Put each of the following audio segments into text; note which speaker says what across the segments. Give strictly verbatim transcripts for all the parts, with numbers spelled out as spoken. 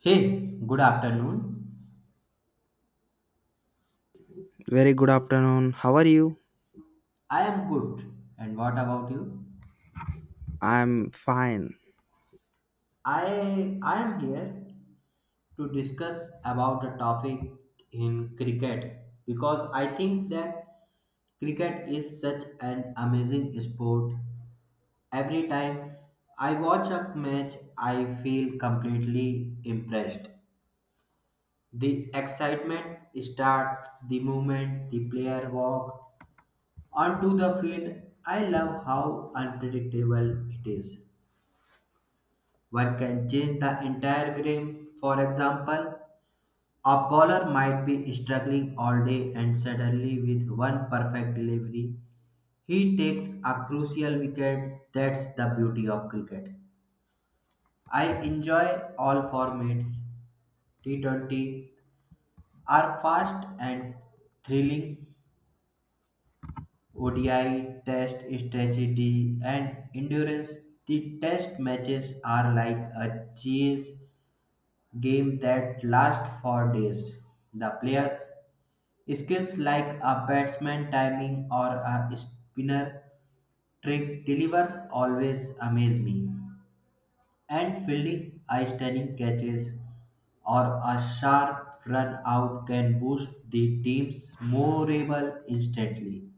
Speaker 1: Hey, good afternoon.
Speaker 2: Very good afternoon. How are you?
Speaker 1: I am good. And what about you?
Speaker 2: I'm fine.
Speaker 1: I I am here to discuss about a topic in cricket because I think that cricket is such an amazing sport. Every time I watch a match, I feel completely impressed. The excitement starts the moment the player walk onto the field. I love how unpredictable it is. One can change the entire game. For example, a bowler might be struggling all day and suddenly with one perfect delivery, he takes a crucial wicket. That's the beauty of cricket. I enjoy all formats. T twenty are fast and thrilling. O D I, Test, Strategy, and Endurance. The Test matches are like a chase game that last for days. The players' skills like a batsman timing or a spinner trick delivers always amaze me. And fielding eye stunning catches or a sharp run out can boost the team's morale instantly.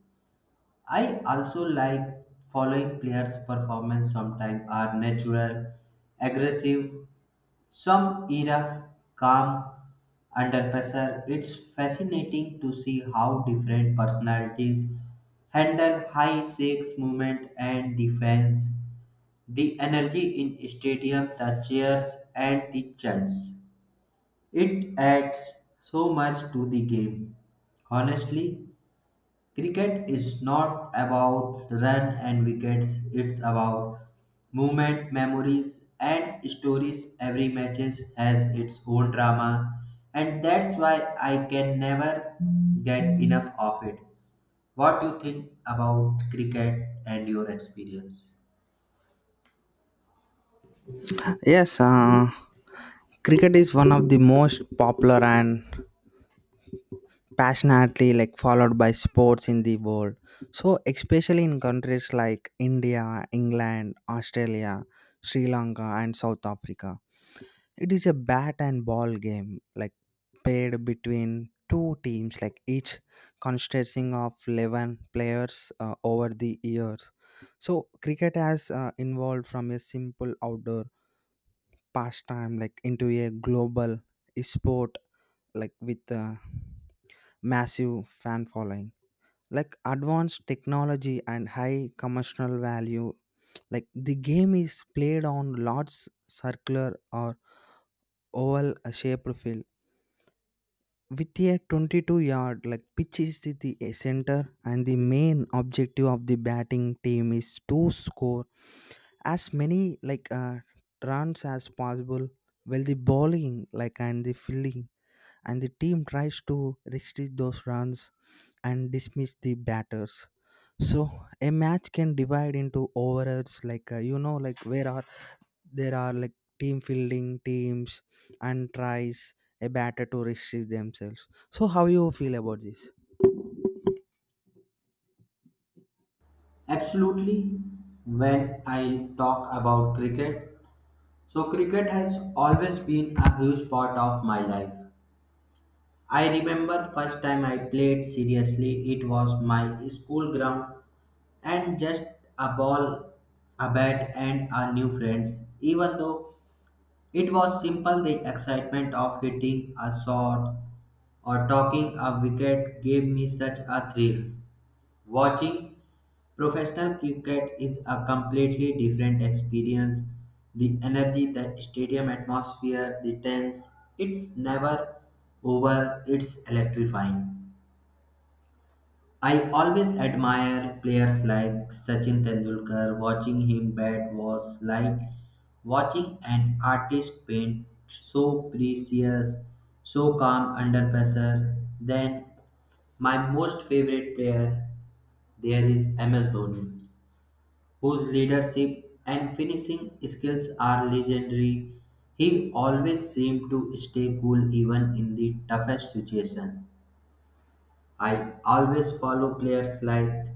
Speaker 1: I also like following players' performance sometimes are natural, aggressive some era calm under pressure. It's fascinating to see how different personalities handle high stakes movement and defense. The energy in stadium, the cheers and the chants. It adds so much to the game. Honestly, cricket is not about run and wickets, it's about movement, memories, and stories. Every match has its own drama, and that's why I can never get enough of it. What do you think about cricket and your experience?
Speaker 2: Yes, uh, cricket is one of the most popular and passionately like followed by sports in the world. So especially in countries like India, England, Australia, Sri Lanka and South Africa. It is a bat and ball game, like played between two teams, like each consisting of eleven players uh, over the years. So, cricket has uh, evolved from a simple outdoor pastime, like into a global sport, like with a massive fan following. Like advanced technology and high commercial value, like the game is played on large circular or oval shaped field with a twenty-two yard like pitch is the the center, and the main objective of the batting team is to score as many like uh, runs as possible while the bowling like and the fielding and the team tries to restrict those runs and dismiss the batters. So a match can divide into overs like uh, you know like where are there are like team fielding teams and tries a batter to restrict themselves. So how you feel about this?
Speaker 1: Absolutely, when I talk about cricket, so cricket has always been a huge part of my life. I remember first time I played seriously, it was my school ground and just a ball, a bat and a new friends. Even though it was simple, the excitement of hitting a shot or talking a wicket gave me such a thrill. Watching professional cricket is a completely different experience. The energy, the stadium atmosphere, the tense, it's never over, it's electrifying. I always admire players like Sachin Tendulkar. Watching him bat was like watching an artist paint, so precious, so calm under pressure. Then, my most favorite player there is M S Dhoni, whose leadership and finishing skills are legendary. He always seemed to stay cool even in the toughest situation. I always follow players like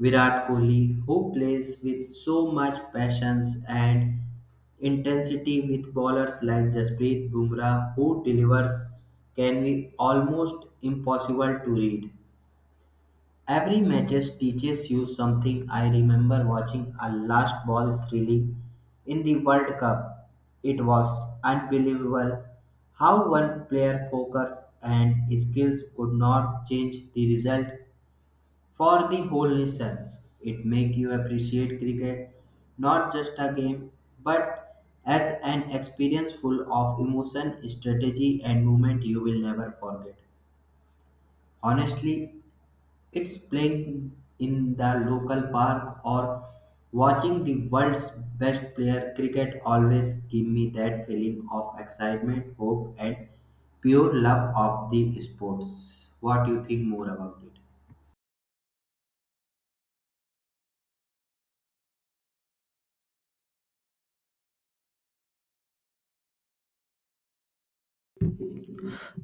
Speaker 1: Virat Kohli, who plays with so much patience and intensity, with bowlers like Jasprit Bumrah, who delivers can be almost impossible to read. Every matches teaches you something. I remember watching a last ball thrilling in the World Cup. It was unbelievable how one player focus and skills could not change the result for the whole nation. It make you appreciate cricket not just a game but as an experience full of emotion, strategy and movement you will never forget. Honestly, it's playing in the local park or watching the world's best player, cricket always give me that feeling of excitement, hope and pure love of the sports. What do you think more about it?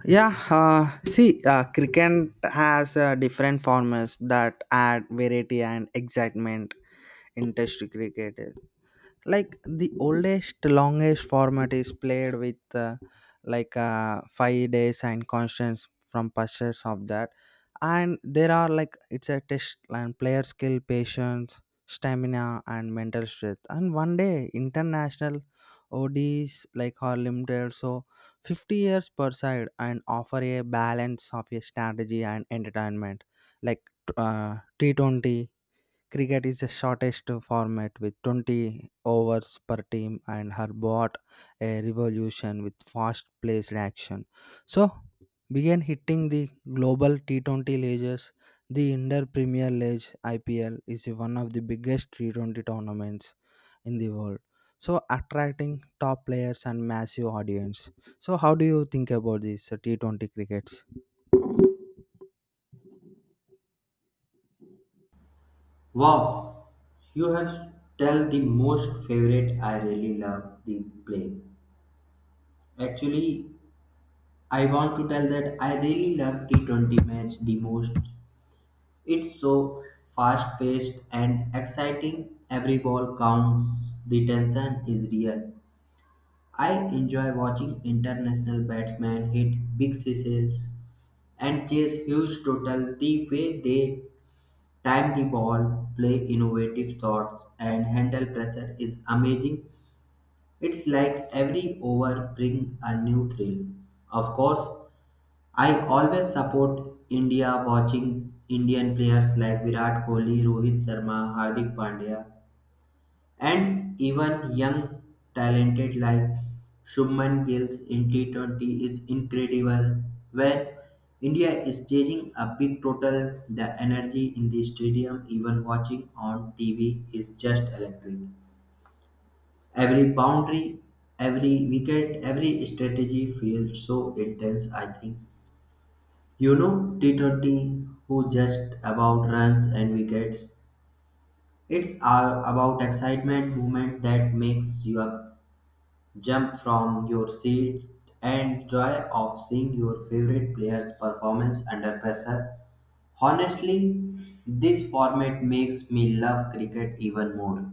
Speaker 2: Yeah, uh, see, uh, cricket has uh, different formats that add variety and excitement into cricket. Like the oldest longest format is played with uh, like uh, five days and constants from pursuits of that, and there are like it's a test and player skill patience stamina and mental strength. And one day international O Ds like are limited, so fifty years per side, and offer a balance of a strategy and entertainment like uh, T twenty cricket is the shortest format with twenty overs per team and her brought a revolution with fast paced action. So began hitting the global T twenty leagues. The Inter Premier League I P L is one of the biggest T twenty tournaments in the world. So attracting top players and massive audience. So how do you think about this uh, T twenty crickets?
Speaker 1: Wow, you have tell the most favorite. I really love the play. Actually, I want to tell that I really love T twenty match the most. It's so fast paced and exciting. Every ball counts. The tension is real. I enjoy watching international batsmen hit big sixes and chase huge total. The way they time the ball, play innovative thoughts, and handle pressure is amazing. It's like every over bring a new thrill. Of course, I always support India. Watching Indian players like Virat Kohli, Rohit Sharma, Hardik Pandya and even young talented like Shubman Gill's in T twenty is incredible. When India is chasing a big total, the energy in the stadium, even watching on T V, is just electric. Every boundary, every wicket, every strategy feels so intense, I think. You know, T twenty who just about runs and wickets. It's all about excitement, movement that makes you up, jump from your seat and joy of seeing your favorite player's performance under pressure. Honestly, this format makes me love cricket even more.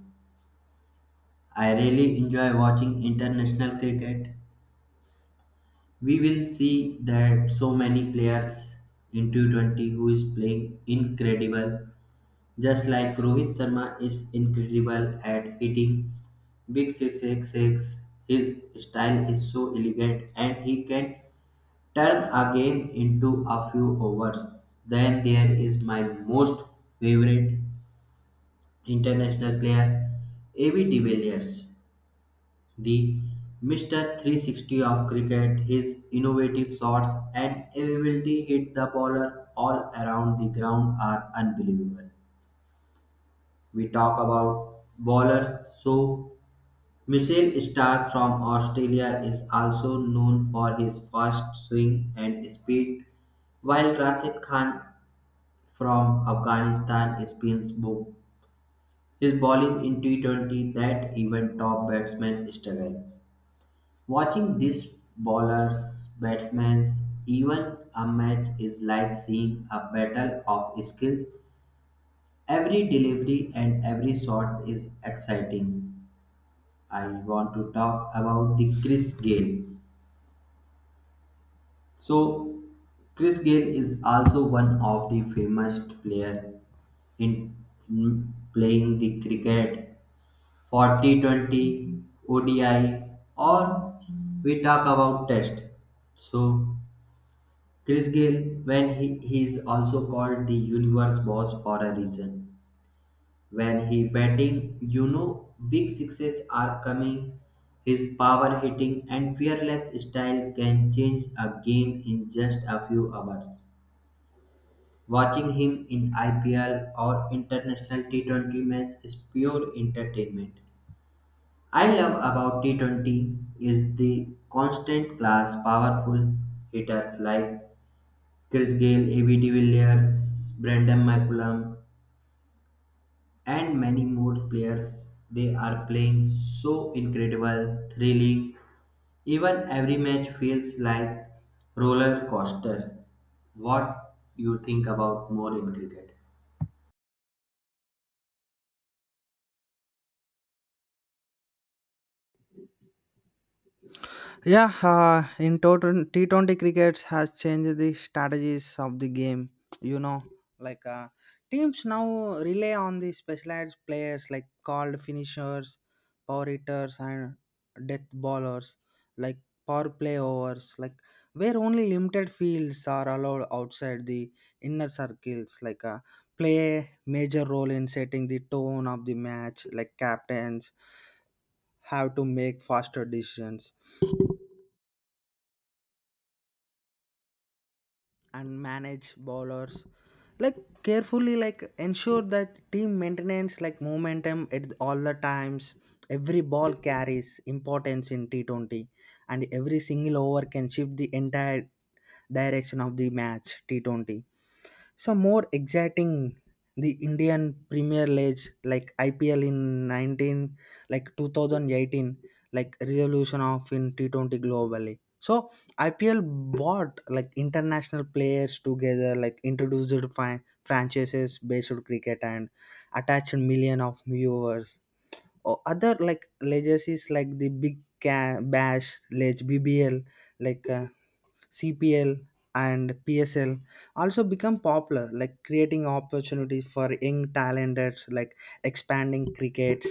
Speaker 1: I really enjoy watching international cricket. We will see that so many players in two twenty who is playing incredible. Just like Rohit Sharma is incredible at hitting big sixes, his style is so elegant and he can turn a game into a few overs. Then there is my most favorite international player, A B de Villiers, the Mister three sixty of cricket. His innovative shots and ability to hit the bowler all around the ground are unbelievable. We talk about bowlers. So, Michel Starr from Australia is also known for his fast swing and speed, while Rashid Khan from Afghanistan spins bo- his bowling in T twenty that even top batsmen struggle. Watching these bowlers, batsmen, even a match is like seeing a battle of skills. Every delivery and every shot is exciting. I want to talk about the Chris Gale. So, Chris Gale is also one of the famous player in mm, playing the cricket, forty twenty, O D I, or we talk about Test. So, Chris Gale, when he, he is also called the universe boss for a reason. When he batting, you know, big sixes are coming. His power hitting and fearless style can change a game in just a few hours. Watching him in I P L or international T twenty match is pure entertainment. I love about T twenty is the constant class powerful hitters like Chris Gale, A B de Villiers, Brandon McCullum, and many more players. They are playing so incredible, thrilling. Even every match feels like roller coaster. What you think about more in cricket?
Speaker 2: Yeah, uh, in total, T twenty cricket has changed the strategies of the game. You know, like uh, teams now rely on the specialized players like called finishers, power hitters, and death bowlers, like power play overs, like where only limited fields are allowed outside the inner circles. Like uh, play a major role in setting the tone of the match. Like captains have to make faster decisions and manage bowlers like carefully like ensure that team maintenance like momentum at all the times. Every ball carries importance in T twenty, and every single over can shift the entire direction of the match. T twenty some more exciting, the Indian Premier League like IPL in nineteen like twenty eighteen like resolution of in T twenty globally. So IPL brought like international players together, like introduced fi- franchises based on cricket and attached million of viewers, or other like legacies like the big Ca- bash league BBL, like uh, C P L and P S L also become popular, like creating opportunities for young talented, like expanding crickets,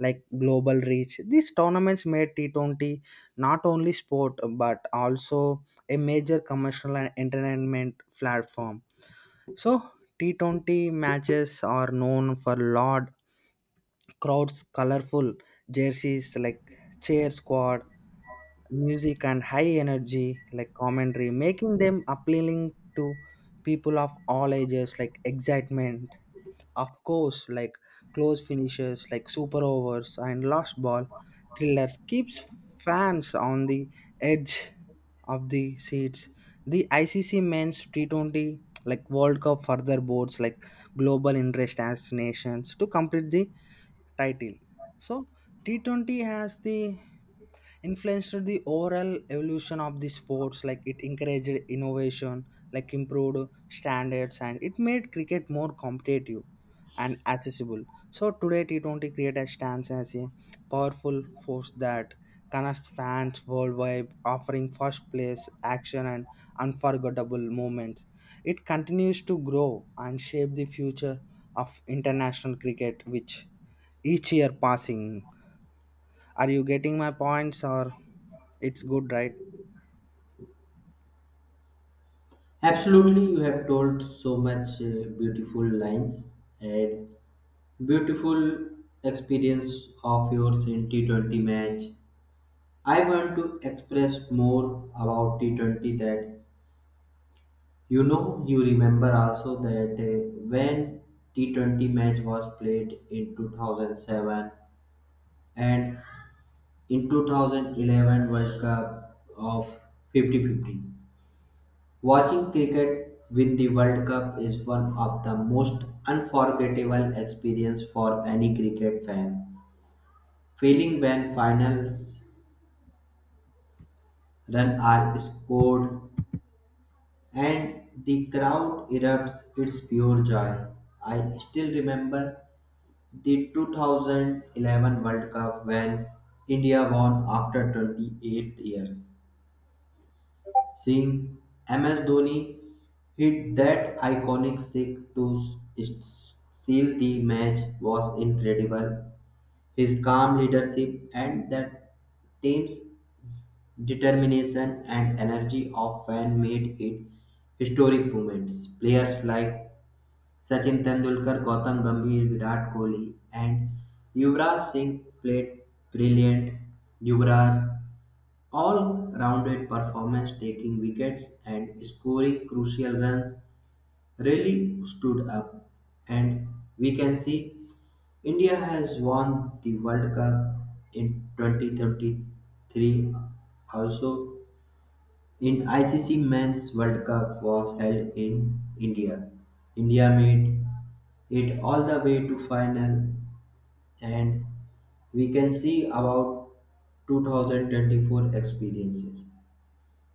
Speaker 2: like global reach. These tournaments made T twenty not only sport but also a major commercial and entertainment platform. So T twenty matches are known for loud crowds, colorful jerseys like cheer squad, music and high energy like commentary, making them appealing to people of all ages, like excitement of course like close finishes like super overs and lost ball thrillers keeps fans on the edge of the seats. The ICC men's T twenty like World Cup further boards like global interest as nations to complete the title. So T twenty has the influenced the overall evolution of the sports, like it encouraged innovation, like improved standards, and it made cricket more competitive and accessible. So today T twenty cricket has stands as a powerful force that connects fans worldwide, offering first place action and unforgettable moments. It continues to grow and shape the future of international cricket which each year passing. Are you getting my points or it's good, right?
Speaker 1: Absolutely, you have told so much uh, beautiful lines and beautiful experience of yours in T twenty match. I want to express more about T twenty that, you know, you remember also that uh, when T twenty match was played in two thousand seven and in two thousand eleven World Cup of fifty fifty. Watching cricket win the World Cup is one of the most unforgettable experience for any cricket fan. Feeling when finals run are scored and the crowd erupts its pure joy. I still remember the two thousand eleven World Cup when India won after twenty-eight years. Seeing M S Dhoni hit that iconic six to s- seal the match was incredible. His calm leadership and that team's determination and energy of fan made it historic moments. Players like Sachin Tendulkar, Gautam Gambhir, Virat Kohli, and Yuvraj Singh played brilliant. Yuvraj all-rounded performance, taking wickets and scoring crucial runs, really stood up. And we can see India has won the World Cup in twenty thirty-three also. In I C C Men's World Cup was held in India, India made it all the way to final, and we can see about two thousand twenty-four experiences.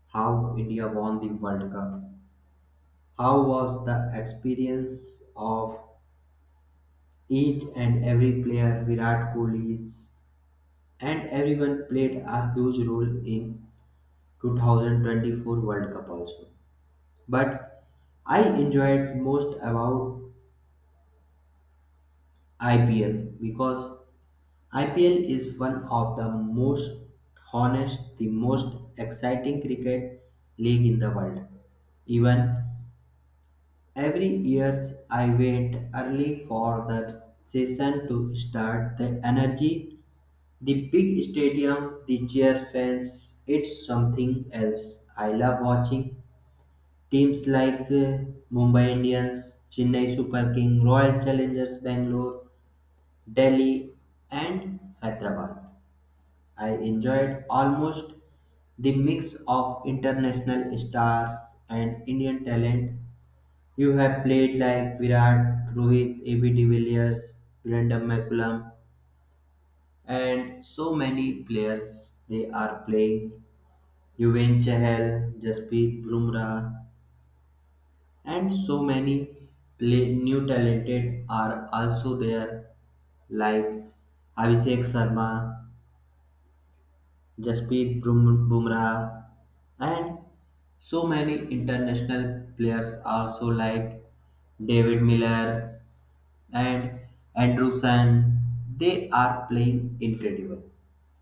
Speaker 1: How India won the World Cup. How was the experience of each and every player. Virat Kohli's and everyone played a huge role in twenty twenty-four World Cup also. But I enjoyed most about I P L because I P L is one of the most honest, the most exciting cricket league in the world. Even every years I wait early for the session to start. The energy, the big stadium, the cheer fans, it's something else. I love watching teams like uh, Mumbai Indians, Chennai Super King, Royal Challengers Bangalore, Delhi, and Hyderabad. I enjoyed almost the mix of international stars and Indian talent. You have played like Virat, Rohit, A B de Villiers, Brandon McCullum, and so many players they are playing. Yuven Chahal, Jasprit Bumrah, and so many play new talented are also there, like Abhishek Sharma, Jasprit Brum- bumrah, and so many international players also, like David Miller and Anderson, they are playing incredible.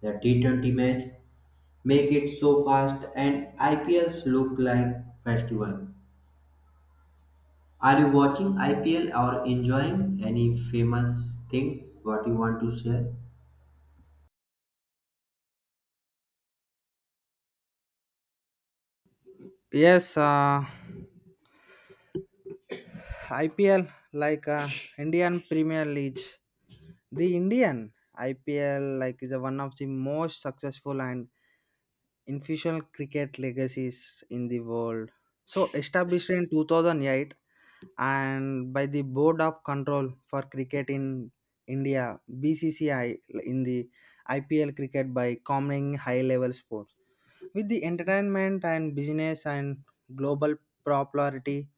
Speaker 1: The T twenty match make it so fast and I P Ls look like festival. Are you watching I P L or enjoying any famous things what you want to share?
Speaker 2: Yes, uh, I P L like uh, Indian Premier League. The Indian I P L like is one of the most successful and influential cricket legacies in the world. So established in two thousand eight and by the Board of Control for Cricket in India B C C I, in the I P L cricket, by combining high-level sports with the entertainment and business and global popularity,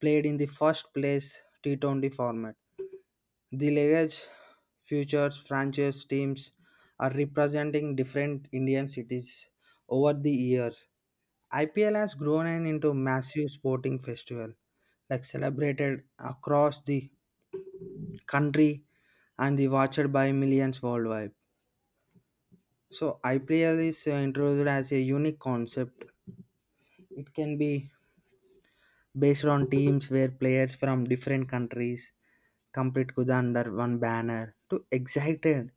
Speaker 2: played in the first place T twenty format. The Legage Futures franchise teams are representing different Indian cities over the years. I P L has grown and into a massive sporting festival, like celebrated across the country and the watched by millions worldwide. So I P L is uh, introduced as a unique concept. It can be based on teams where players from different countries complete with under one banner to excited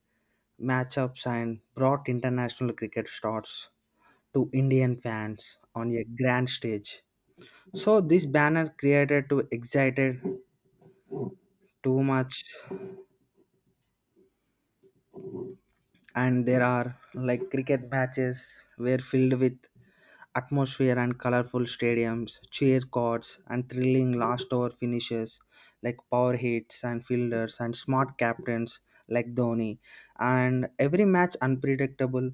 Speaker 2: matchups and brought international cricket stars to Indian fans on a grand stage. So this banner created to excited too much, and there are like cricket matches were filled with atmosphere and colorful stadiums, cheer courts, and thrilling last over finishes, like power hits and fielders and smart captains like Dhoni, and every match unpredictable.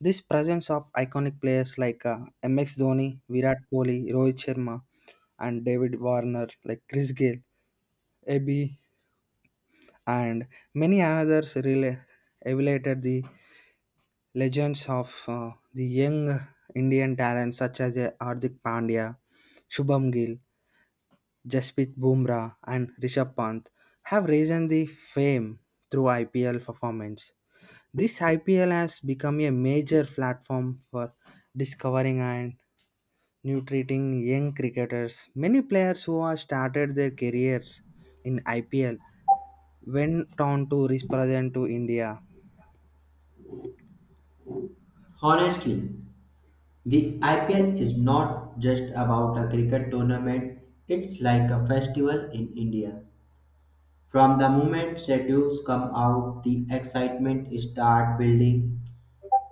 Speaker 2: This presence of iconic players like uh, M X Dhoni, Virat Kohli, Rohit Sharma, and David Warner, like Chris Gale, Abby, and many others really elevated the legends of uh, the young Indian talents such as uh, Hardik Pandya, Shubham Gill, Jasprit Bumrah, and Rishabh Pant have risen the fame through I P L performance. This I P L has become a major platform for discovering and nutriting young cricketers. Many players who have started their careers in I P L went on to represent to India.
Speaker 1: Honestly, the I P L is not just about a cricket tournament, it's like a festival in India. From the moment schedules come out, the excitement start building.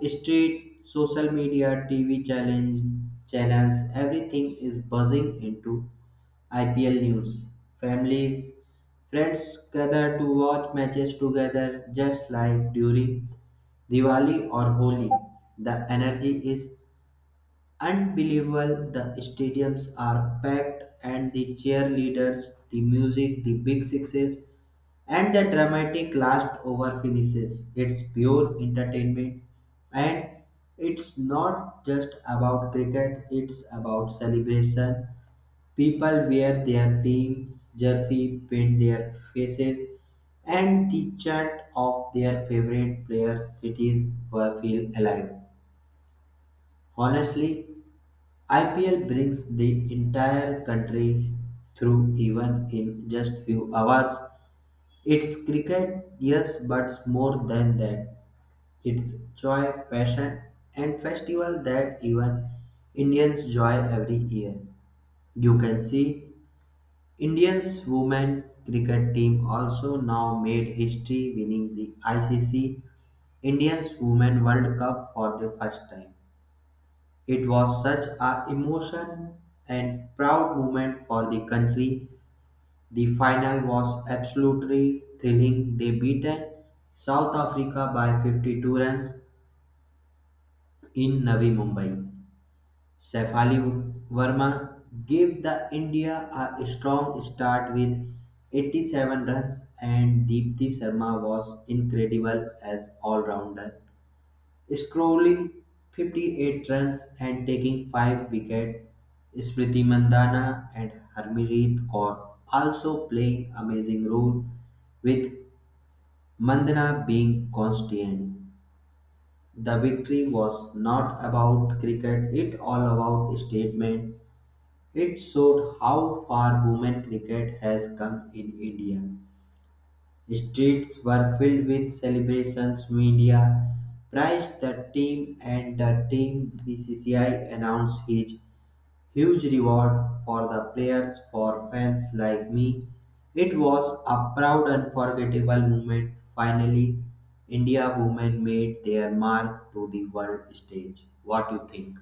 Speaker 1: Street, social media, T V challenge, channels, everything is buzzing into I P L news. Families, friends gather to watch matches together just like during Diwali or Holi. The energy is unbelievable, the stadiums are packed, and the cheerleaders, the music, the big sixes, and the dramatic last over finishes. It's pure entertainment, and it's not just about cricket, it's about celebration. People wear their team's jersey, paint their faces, and the chant of their favorite players' cities were feel alive. Honestly, I P L brings the entire country through even in just few hours. It's cricket, yes, but more than that. It's joy, passion, and festival that even Indians joy every year. You can see Indians women cricket team also now made history winning the I C C Indians Women World Cup for the first time. It was such a emotion and proud moment for the country. The final was absolutely thrilling. They beaten South Africa by fifty-two runs in Navi Mumbai. Sefali Verma gave the India a strong start with eighty-seven runs and Deepthi Sharma was incredible as all-rounder, scoring fifty-eight runs and taking five wickets. Smriti Mandana and Harmanpreet Kaur also playing amazing role with Mandana being constant. The victory was not about cricket, it all about statement. It showed how far women cricket has come in India. Streets were filled with celebrations. Media praised the team, and the team B C C I announced his huge reward for the players. For fans like me, it was a proud, unforgettable moment. Finally, India women made their mark to the world stage. What do you think?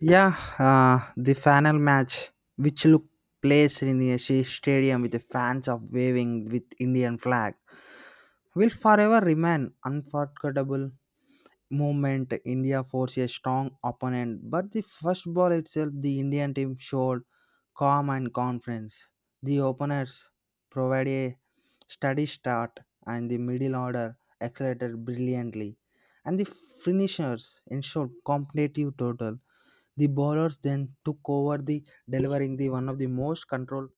Speaker 2: Yeah, uh, the final match, which look placed in a sh- stadium with the fans of waving with Indian flag, will forever remain unforgettable moment. India forced a strong opponent, but the first ball itself, the Indian team showed calm and confidence. The openers provided a steady start, and the middle order accelerated brilliantly, and the finishers ensured competitive total. The bowlers then took over the delivering the one of the most controlled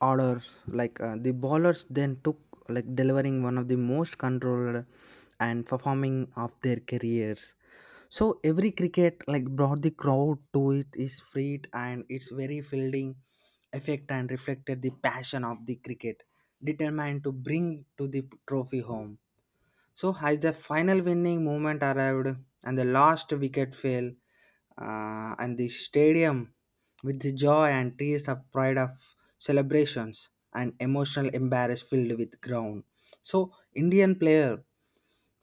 Speaker 2: orders. Like uh, the bowlers then took like delivering one of the most controlled and performing of their careers. So every cricket like brought the crowd to it is feet and its very fielding effect and reflected the passion of the cricket, determined to bring to the trophy home. So as the final winning moment arrived and the last wicket fell, uh, and the stadium with the joy and tears of pride of celebrations and emotional embarrass filled with ground. So Indian player,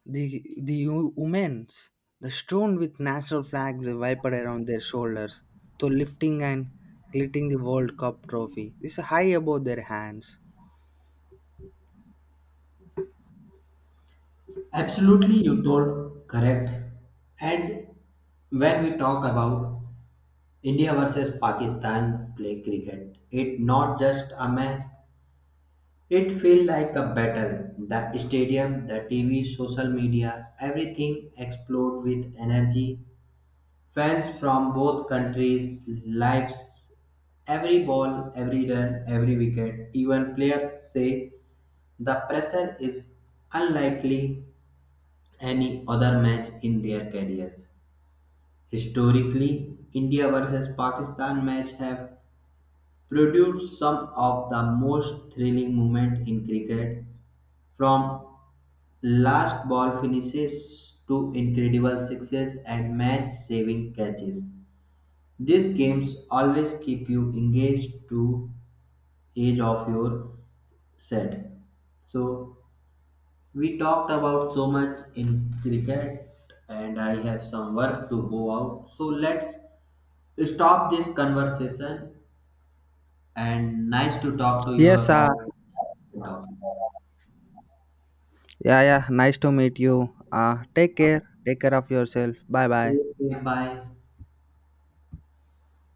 Speaker 2: the the wo- women's, the strewn with national flag they wiped around their shoulders, to lifting and lifting the World Cup trophy. This is high above their hands.
Speaker 1: Absolutely, you told correct. And when we talk about India versus Pakistan play cricket, it not just a match. It feel like a battle. The stadium, the T V, social media, everything explode with energy. Fans from both countries lives every ball, every run, every wicket. Even players say the pressure is unlikely any other match in their careers. Historically, India versus Pakistan match have produced some of the most thrilling moments in cricket, from last ball finishes to incredible sixes and match saving catches. These games always keep you engaged to edge of your set. So we talked about so much in cricket and I have some work to go out. So let's stop this conversation and nice to talk to you
Speaker 2: Yes, uh,
Speaker 1: about the topic.
Speaker 2: yeah, yeah. Nice to meet you. Uh, take care. Take care of yourself. Bye bye.
Speaker 1: Okay, bye.